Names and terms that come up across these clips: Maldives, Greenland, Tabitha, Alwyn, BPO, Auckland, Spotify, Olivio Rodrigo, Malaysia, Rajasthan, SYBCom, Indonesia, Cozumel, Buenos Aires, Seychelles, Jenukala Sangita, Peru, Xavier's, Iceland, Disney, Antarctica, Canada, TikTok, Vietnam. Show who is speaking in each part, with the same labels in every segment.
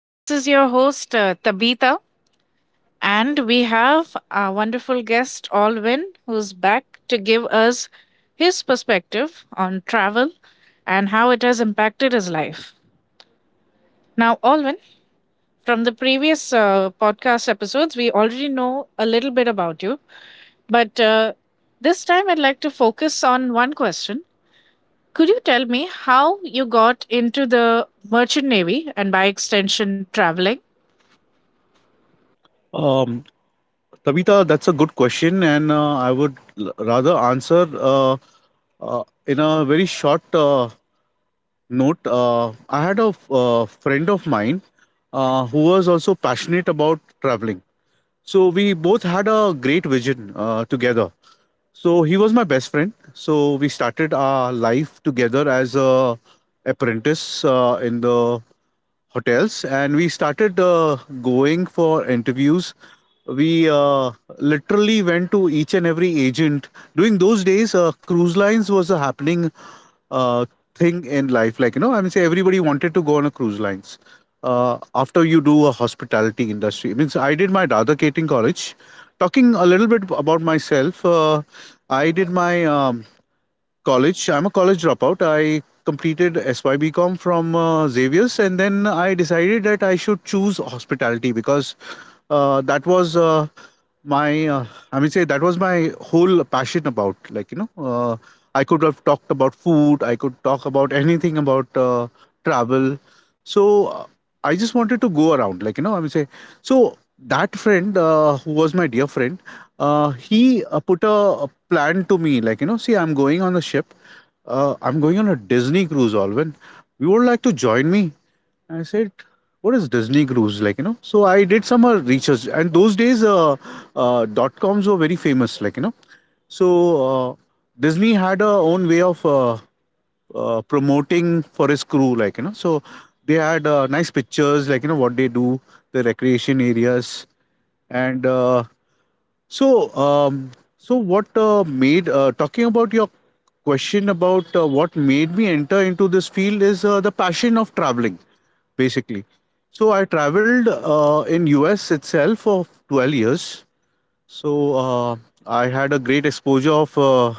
Speaker 1: This is your host, Tabitha, and we have our wonderful guest, Alwyn, who's back to give us his perspective on travel and how it has impacted his life. Now, Alwyn, from the previous podcast episodes, we already know a little bit about you, but this time I'd like to focus on one question. Could you tell me how you got into the merchant navy and by extension traveling?
Speaker 2: Um, Tabitha, that's a good question, and I would rather answer in a very short note. I had a friend of mine who was also passionate about traveling. So we both had a great vision together. So he was my best friend. So we started our life together as a apprentice in the hotels, and we started going for interviews. We literally went to each and every agent. During those days, cruise lines was a happening uh, thing in life. Like you know, I mean, say everybody wanted to go on a cruise lines after you do a hospitality industry means I did my radha catering college talking a little bit about myself I did my college. I'm a college dropout. I completed SYBCom from Xavier's, and then I decided that I should choose hospitality because that was my, I mean, say that was my whole passion about. Like you know, I could have talked about food. I could talk about anything about travel. So I just wanted to go around. Like you know, I mean, say so. That friend, who was my dear friend, he put a planned to me, like you know, see, I'm going on a ship, I'm going on a Disney cruise, Alvin, you would like to join me. I said, what is Disney cruise? Like you know, so I did some research, and those days dot coms were very famous, like you know. So uh, Disney had a own way of promoting for his crew, like you know. So they had nice pictures, like you know, what they do, the recreation areas, and so, um, so what made talking about your question about what made me enter into this field is the passion of traveling, basically. So I traveled in US itself for 12 years. So I had a great exposure of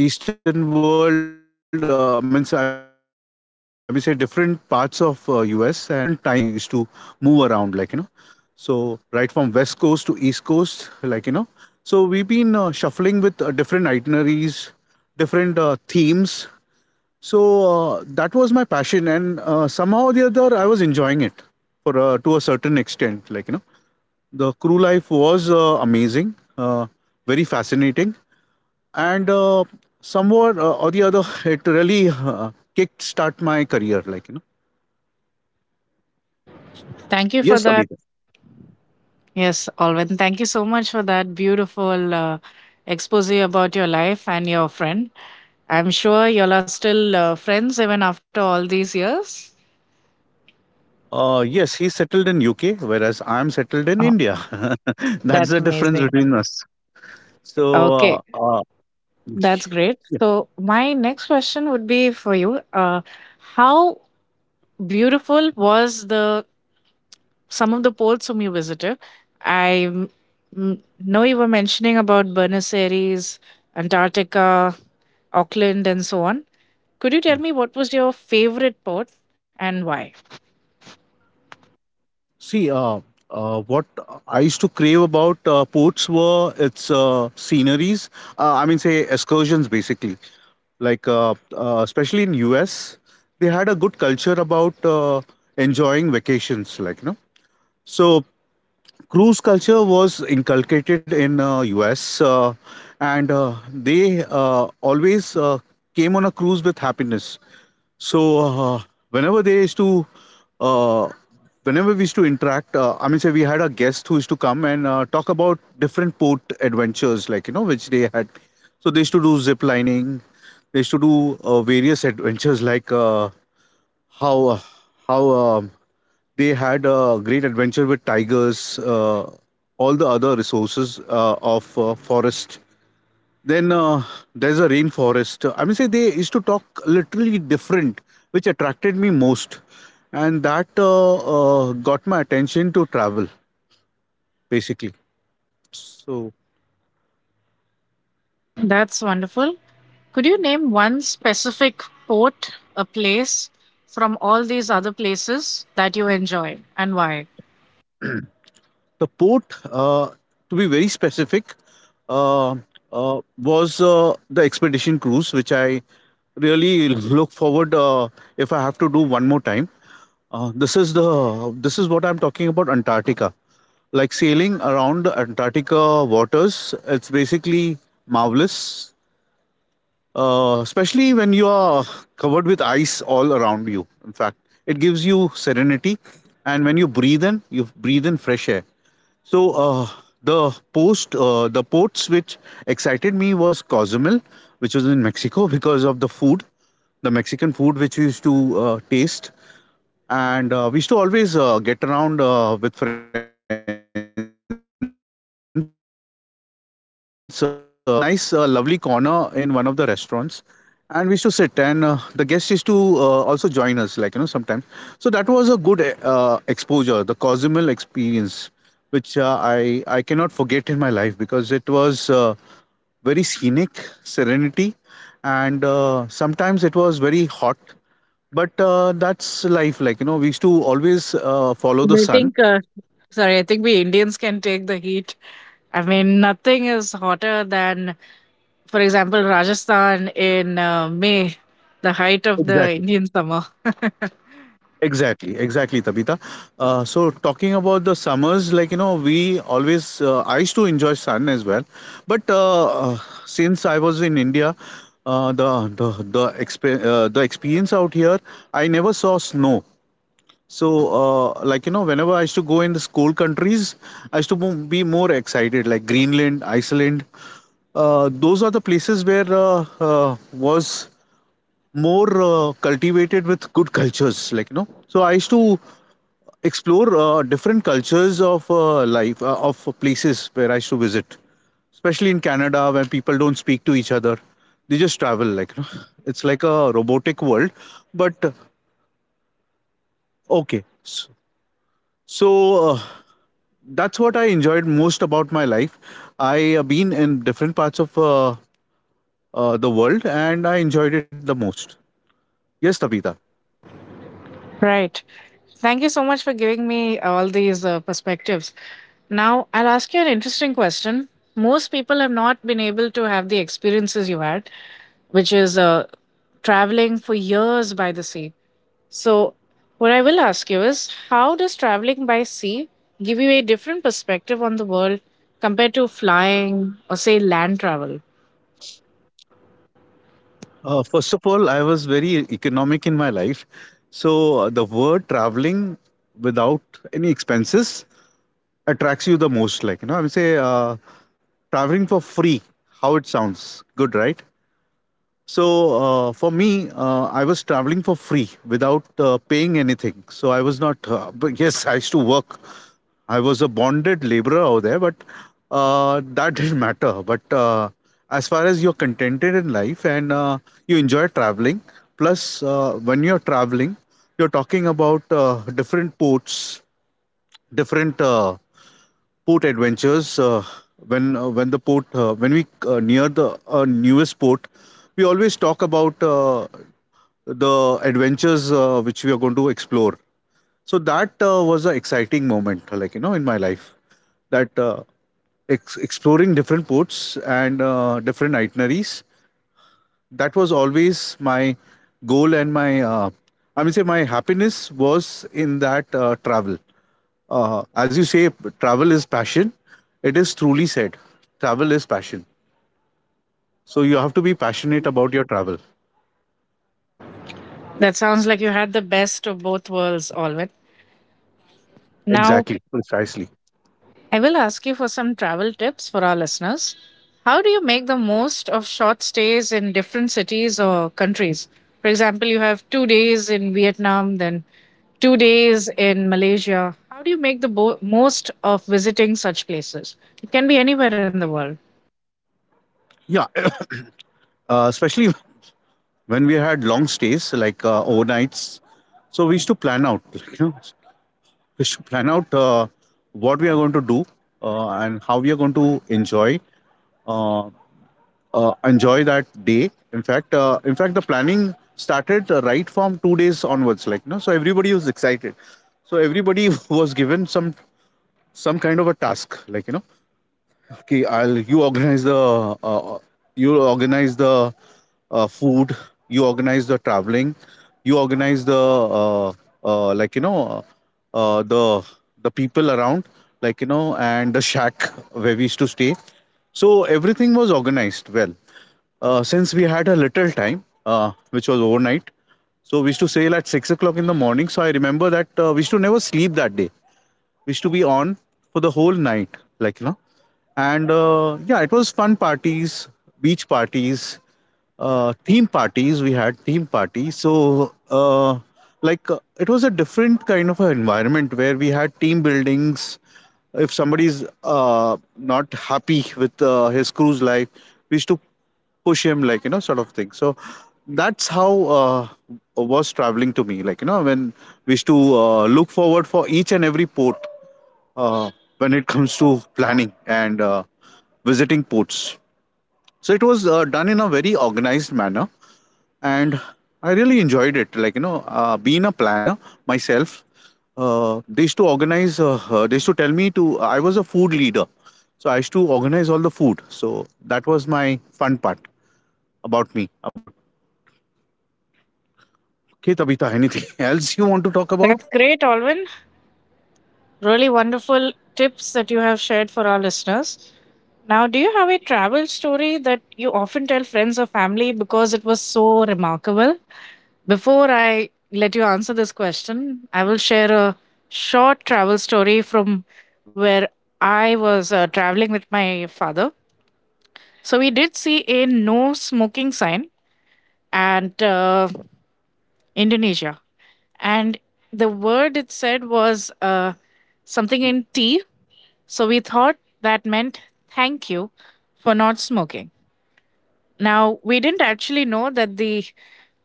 Speaker 2: Eastern world. I mean, say different parts of US and the different time zones which we used to move around, like you know. So right from west coast to east coast, like you know. So we've been shuffling with different itineraries, different themes. So that was my passion, and somehow or the other, I was enjoying it for to a certain extent. Like you know, the crew life was amazing, very fascinating, and somewhere or the other, it really kicked start my career. Like you know.
Speaker 1: Thank you for that.
Speaker 2: Yes, Abhi.
Speaker 1: Yes, Alvin, thank you so much for that beautiful expose about your life and your friend. I'm sure y'all are still friends even after all these years.
Speaker 2: Yes, he's settled in UK, whereas I'm settled in
Speaker 1: Oh,
Speaker 2: India. That's the
Speaker 1: that's
Speaker 2: difference
Speaker 1: amazing.
Speaker 2: between us. So,
Speaker 1: Okay,
Speaker 2: uh, uh,
Speaker 1: that's great.
Speaker 2: yeah,
Speaker 1: So, my next question would be for you. How beautiful was the some of the ports whom you visited. I know you were mentioning about Buenos Aires, Antarctica, Auckland, and so on. Could you tell
Speaker 2: yeah.
Speaker 1: me what was your favorite port and why?
Speaker 2: See, what I used to crave about ports were its sceneries. I mean, say excursions, basically. Like, especially in US, they had a good culture about enjoying vacations. Like, you know, so cruise culture was inculcated in us and they always came on a cruise with happiness. So whenever they used to uh, whenever we used to interact, I mean, say we had a guest who used to come and talk about different port adventures, like you know, which they had. So they used to do zip lining, they used to do various adventures, like how uh, how they had a great adventure with tigers, all the other resources of forest. Then there's a rainforest. I mean, say they used to talk literally different, which attracted me most, and that got my attention to travel basically. So
Speaker 1: That's wonderful. Could you name one specific port, a place from all these other places that you enjoy and why?
Speaker 2: the port, uh, to be very specific, uh, was the expedition cruise, which I really look forward if I have to do one more time. This is the this is what I'm talking about Antarctica. Like sailing around Antarctica waters, it's basically marvelous, especially when you are covered with ice all around you. In fact, it gives you serenity, and when you breathe in fresh air. So the ports which excited me was Cozumel, which was in Mexico, because of the food, the Mexican food which we used to taste, and we used to always get around with friends, like crew members, and we used to pitch in, and we had a nice, lovely corner in one of the restaurants. And we used to sit, and the guests used to also join us, like you know, sometimes. So that was a good exposure, the Cozumel experience which I cannot forget in my life because it was very scenic, serenity, and sometimes it was very hot. But that's life. Like you know, we used to always follow the
Speaker 1: I
Speaker 2: sun.
Speaker 1: think, sorry, I think we Indians can take the heat. I mean, nothing is hotter than, for example, Rajasthan in May, the height of the
Speaker 2: Exactly.
Speaker 1: Indian summer.
Speaker 2: Exactly. Exactly, Tabitha. So talking about the summers, like you know, we always I used to enjoy sun as well. But since I was in India. Uh, the the the the experience out here, I never saw snow. So, like you know, whenever I used to go in the school countries, I used to be more excited, like Greenland, Iceland. Those are the places where was more cultivated with good cultures, like you know. So I used to explore different cultures of life of places where I used to visit, especially in Canada when people don't speak to each other. They just travel, like you know. It's like a robotic world, but okay. So, uh, that's what I enjoyed most about my life. I have been in different parts of the world, and I enjoyed it the most. Yes, Tabitha.
Speaker 1: Right. Thank you so much for giving me all these perspectives. Now, I'll ask you an interesting question. Most people have not been able to have the experiences you had, which is traveling for years by the sea. So, what I will ask you is how does traveling by sea give you a different perspective on the world compared to flying or, say, land travel?
Speaker 2: First of all, I was very economic in my life. So the word traveling without any expenses attracts you the most. Like, you know, I would say traveling for free, how it sounds good, right? So for me, I was traveling for free without paying anything. So I was not, but yes, I used to work. I was a bonded laborer out there, but that didn't matter. But as far as you're contented in life and you enjoy traveling, plus when you're traveling, you're talking about different ports, different port adventures. When the port, when we near the newest port, we always talk about the adventures which we are going to explore. So that was an exciting moment, like you know, in my life. That exploring different ports and different itineraries. That was always my goal, and I mean, say my happiness was in that travel. As you say, travel is passion. It is truly said. Travel is passion. So you have to be passionate about your travel.
Speaker 1: That sounds like you had the best of both worlds, Alwyn. Now,
Speaker 2: Exactly. Precisely.
Speaker 1: I will ask you for some travel tips for our listeners. How do you make the most of short stays in different cities or countries? For example, you have 2 days in Vietnam, then 2 days in Malaysia. How do you make the most of visiting such places? It can be anywhere in the world.
Speaker 2: Yeah. Especially when we had long stays, like overnights. So we used to plan out. You know, we used to plan out what we are going to do and how we are going to enjoy. Uh, enjoy that day. In fact, the planning started right from two days onwards. Like you know, so everybody was excited. So everybody was given some kind of a task. Like you know, okay, I'll, uh, uh, you organize the food, you organize the traveling, you organize the uh, uh, like you know uh, uh, the the people around, like you know, and the shack where we used to stay. So everything was organized well, since we had a little time, which was overnight. So we used to sail at 6 o'clock in the morning. So I remember that we used to never sleep that day. We to be on for the whole night, like you know. And yeah, it was fun parties, beach parties, theme parties. We had theme parties. So it was a different kind of an environment where we had team buildings. If somebody's not happy with his cruise life, we used to push him, like you know, sort of thing. So that's how was traveling to me, like you know, when we used to look forward for each and every port uh, when it comes to planning and visiting ports. So it was done in a very organized manner, and I really enjoyed it. Like you know, being a planner myself, they used to organize. They used to tell me to. I was a food leader, so I used to organize all the food. So that was my fun part about me. About okay, Tabitha, anything else you want to talk
Speaker 1: That's
Speaker 2: about?
Speaker 1: great, Alwyn. Really wonderful tips that you have shared for our listeners. Now, do you have a travel story that you often tell friends or family because it was so remarkable? Before I let you answer this question, I will share a short travel story from where I was traveling with my father. So, we did see a no smoking sign, and Indonesia. And the word it said was something in tea. So we thought that meant thank you for not smoking. Now, we didn't actually know that the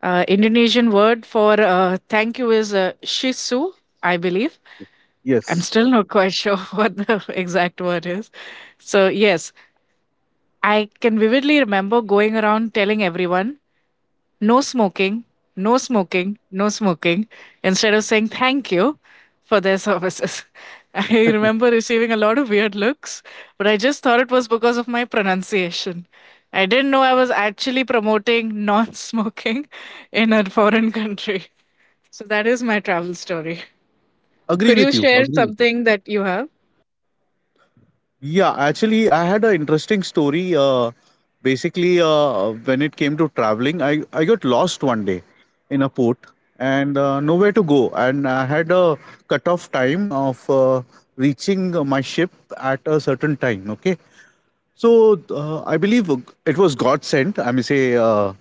Speaker 1: Indonesian word for thank you is shisu, I believe. I'm
Speaker 2: Yes,
Speaker 1: still not quite sure what the exact word is. So, yes, I can vividly remember going around telling everyone no smoking, no smoking, no smoking, instead of saying thank you for their services. I remember receiving a lot of weird looks, but I just thought it was because of my pronunciation. I didn't know I was actually promoting non smoking in a foreign country. So that is my travel story.
Speaker 2: agree
Speaker 1: Could you
Speaker 2: with you,
Speaker 1: share
Speaker 2: agree with you.
Speaker 1: something that you have?
Speaker 2: Yeah, actually, I had an interesting story. When it came to traveling, I got lost one day in a port and nowhere to go. And I had a cutoff time of reaching my ship at a certain time. Okay. So I believe it was God sent. I may say,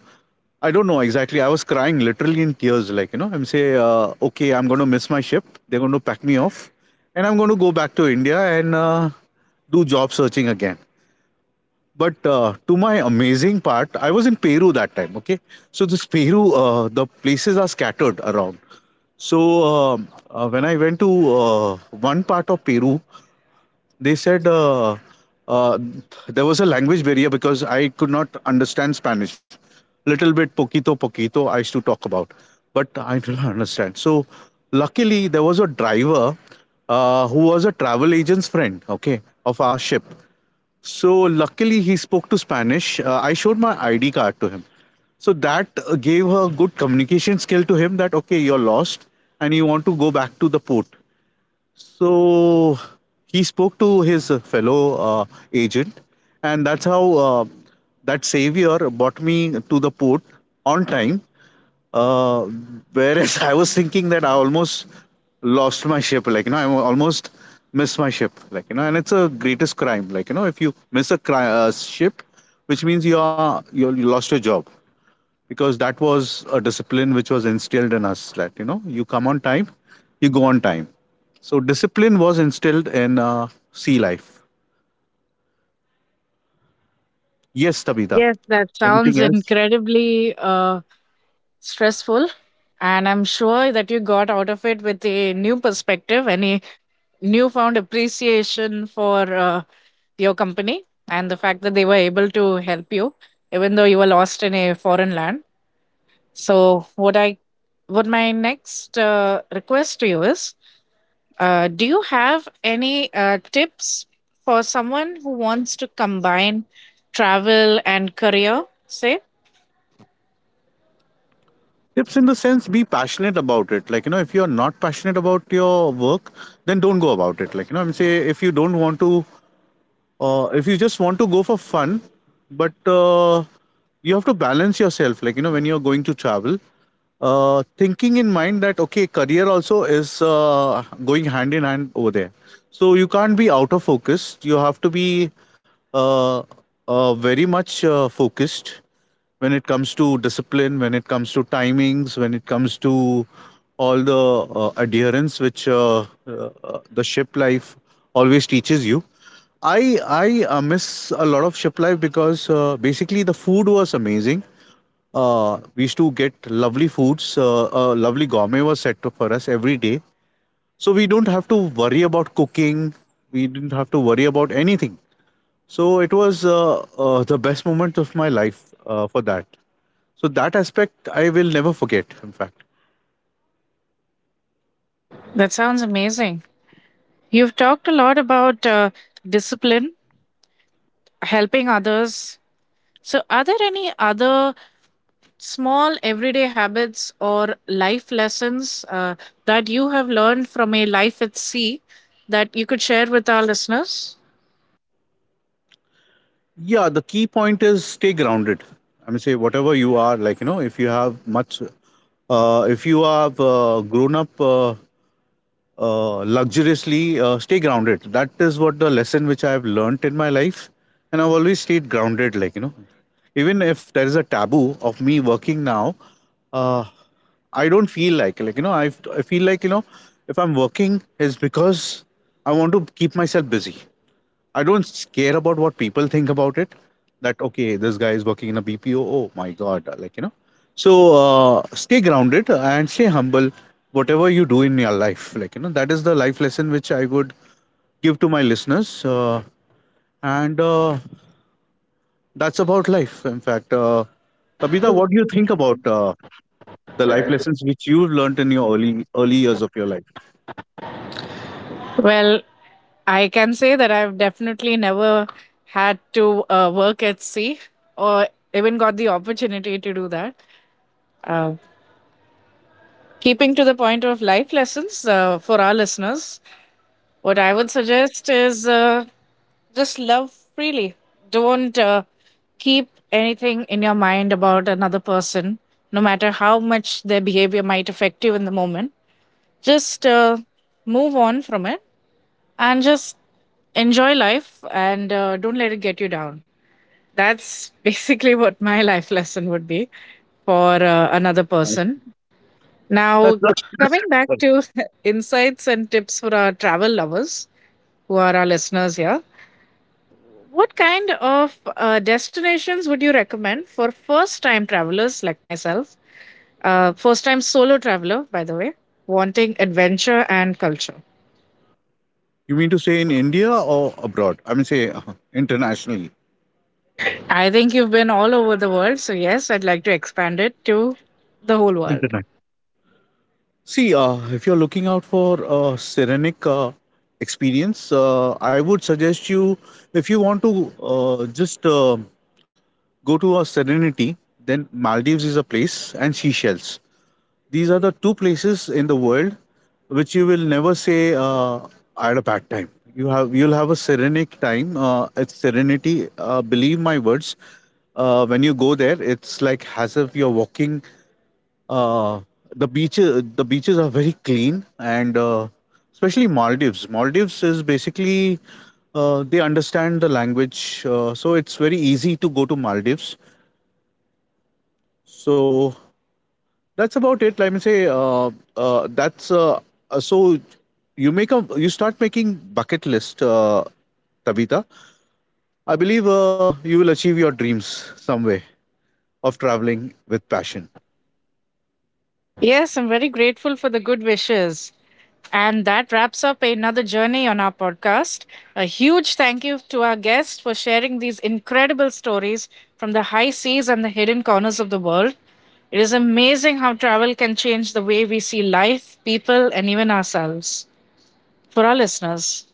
Speaker 2: I don't know exactly. I was crying literally in tears. Like, you know, I'm say, okay, I'm going to miss my ship. They're going to pack me off. And I'm going to go back to India and do job searching again. But to my amazing part, I was in Peru that time. Okay. So this Peru, the places are scattered around. So when I went to one part of Peru, they said uh, there was a language barrier because I could not understand Spanish. Little bit poquito poquito I used to talk about, but I do not understand. So luckily there was a driver who was a travel agent's friend, okay, of our ship. So luckily he spoke to Spanish. I showed my ID card to him. So that gave her good communication skill to him that okay, you're lost and you want to go back to the port. So he spoke to his fellow agent, and that's how that savior brought me to the port on time. Uh, Whereas I was thinking that I almost lost my ship, like you know, I almost missed my ship, like you know, and it's a greatest crime, like you know, if you miss a ship, which means you are you lost your job because that was a discipline which was instilled in us, that you know you come on time, you go on time. So discipline was instilled in sea life. Yes,
Speaker 1: Yes,
Speaker 2: Tabitha,
Speaker 1: that sounds
Speaker 2: anything else?
Speaker 1: incredibly stressful, and I'm sure that you got out of it with a new perspective and a newfound appreciation for your company and the fact that they were able to help you even though you were lost in a foreign land. So what my next request to you is, do you have any tips for someone who wants to combine travel and career, say,
Speaker 2: Tips in the sense, be passionate about it, like you know. If you are not passionate about your work, then don't go about it, like you know, I'm say. If you don't want to, if you just want to go for fun, but you have to balance yourself, like you know, when you're going to travel, thinking in mind that okay, career also is going hand in hand over there. So you can't be out of focus, you have to be uh, very much focused when it comes to discipline, when it comes to timings, when it comes to all the adherence which the ship life always teaches you. I miss a lot of ship life because basically the food was amazing. We used to get lovely foods. Lovely gourmet was for us every day, so we don't have to worry about cooking. We didn't have to worry about anything. So it was the best moment of my life for that. So that aspect I will never forget. In fact,
Speaker 1: that sounds amazing. You've talked a lot about discipline, helping others. So, are there any other small everyday habits or life lessons that you have learned from a life at sea that you could share with our listeners?
Speaker 2: yeah, the key point is stay grounded. I mean, say whatever you are, like you know, if you have much, if you have grown up luxuriously, stay grounded. That is what the lesson which I have learnt in my life, and I've always stayed grounded. Like you know, even if there is a taboo of me working now, uh, I don't feel like, like you know, I feel like you know, if I'm working is because I want to keep myself busy. I don't care about what people think about it. That okay, this guy is working in a BPO. Oh my god, like you know. So stay grounded and stay humble. Whatever you do in your life, like you know, that is the life lesson which I would give to my listeners. And that's about life. In fact, Tabitha, what do you think about the life lessons which you've learned in your early years of your life?
Speaker 1: Well, I can say that I've definitely never had to work at sea or even got the opportunity to do that. Uh, Keeping to the point of life lessons for our listeners, what I would suggest is just love freely. Don't keep anything in your mind about another person, no matter how much their behavior might affect you in the moment. Just move on from it and just enjoy life, and don't let it get you down. That's basically what my life lesson would be for another
Speaker 2: Uh,
Speaker 1: person.
Speaker 2: That's,
Speaker 1: Now,
Speaker 2: that's,
Speaker 1: coming back to insights and tips for our travel lovers who are our listeners here. What kind of destinations would you recommend for first time travelers like myself? First time solo traveler, by the way, wanting adventure and culture.
Speaker 2: you mean to say in India or abroad? I mean, say, internationally.
Speaker 1: I think you've been all over the world, so yes, I'd like to expand it to the whole world.
Speaker 2: See, if you're looking out for a serenic experience, I would suggest you, if you want to just go to a serenity, then Maldives is a place, and Seychelles. These are the two places in the world which you will never say, I had a bad time. You'll have a serenic time. It's serenity. Believe my words. When you go there, it's like as if you're walking uh, the beaches, are very clean, and especially Maldives. Maldives is basically, they understand the language, so it's very easy to go to Maldives. So that's about it. Let me say, that's so you make a you start making bucket list, Tabitha. I believe you will achieve your dreams some way of traveling with passion.
Speaker 1: Yes, I'm very grateful for the good wishes. And that wraps up another journey on our podcast. A huge thank you to our guests for sharing these incredible stories from the high seas and the hidden corners of the world. It is amazing how travel can change the way we see life, people, and even ourselves. For our listeners,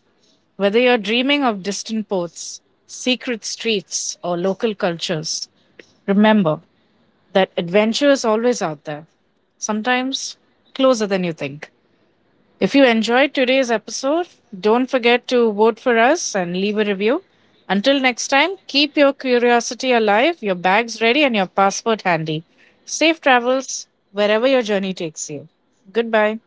Speaker 1: whether you're dreaming of distant ports, secret streets, or local cultures, remember that adventure is always out there, sometimes closer than you think. If you enjoyed today's episode, don't forget to vote for us and leave a review. Until next time, keep your curiosity alive, your bags ready, and your passport handy. Safe travels wherever your journey takes you. Goodbye.